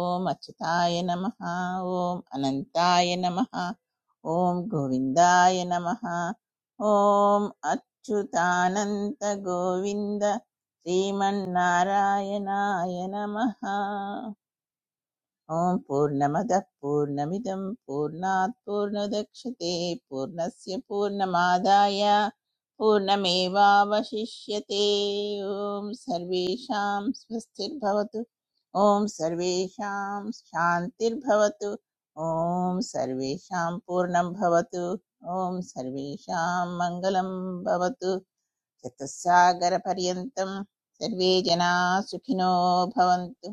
F: ॐ अच्युताय नमः ॐ अनन्ताय नमः ॐ गोविन्दाय नमः ॐ अच्युतानन्तगोविन्द श्रीमन्नारायणाय नमः ॐ पूर्णमदः पूर्णमिदं पूर्णात् पूर्णदक्षते पूर्णस्य पूर्णमादाय पूर्णमेवावशिष्यते ॐ सर्वेषां स्वस्तिर्भवतु ॐ सर्वेषां शान्तिर्भवतु ॐ सर्वेषां पूर्णं भवतु ॐ सर्वेषां मङ्गलं भवतु चतुस्सागरपर्यन्तं सर्वे जनाः सुखिनो भवन्तु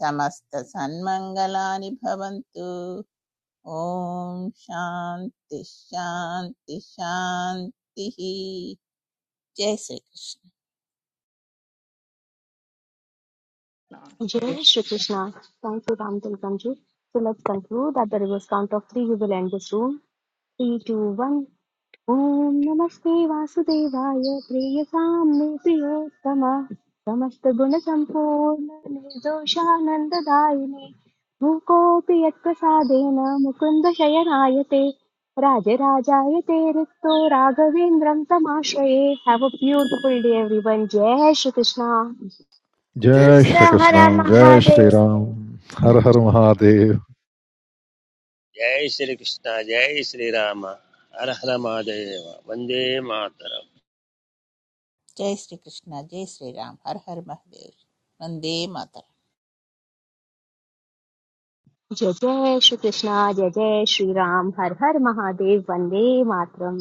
F: समस्तसन्मङ्गलानि भवन्तु ॐ शान्ति शान्ति शान्तिः जय श्रीकृष्ण
D: जय
A: Jai Shri Krishna. Thank you, Ramtilkamji. So let's conclude at the reverse count of three. We will end this room. 3, 2, 1 ॐ नमस्ते वासुदेवाय प्रेयसां मे प्रियोत्तम समस्तगुणसम्पूर्ण निर्दोषानन्ददायिने मूकोऽपि यत्प्रसादेन मुकुन्द शयनायते राजराजायते रिक्तो राघवेन्द्रं तमाश्रये have a beautiful day everyone जय श्रीकृष्णा
C: जय
G: जय
C: जय
G: श्रीकृष्ण
C: हर
G: जय श्री
C: महादेव
G: राम, हर
D: श्री-
G: हर महादेव
E: जय श्री कृष्ण जय श्री राम हर हर महादेव वन्दे मातरम्
F: जय श्रीकृष्ण जय श्रीराम हर हर महादेव वन्दे मातरम्
A: जय जय श्रीकृष्णा जय जय श्रीराम हर हर महादेव वन्दे मातरम्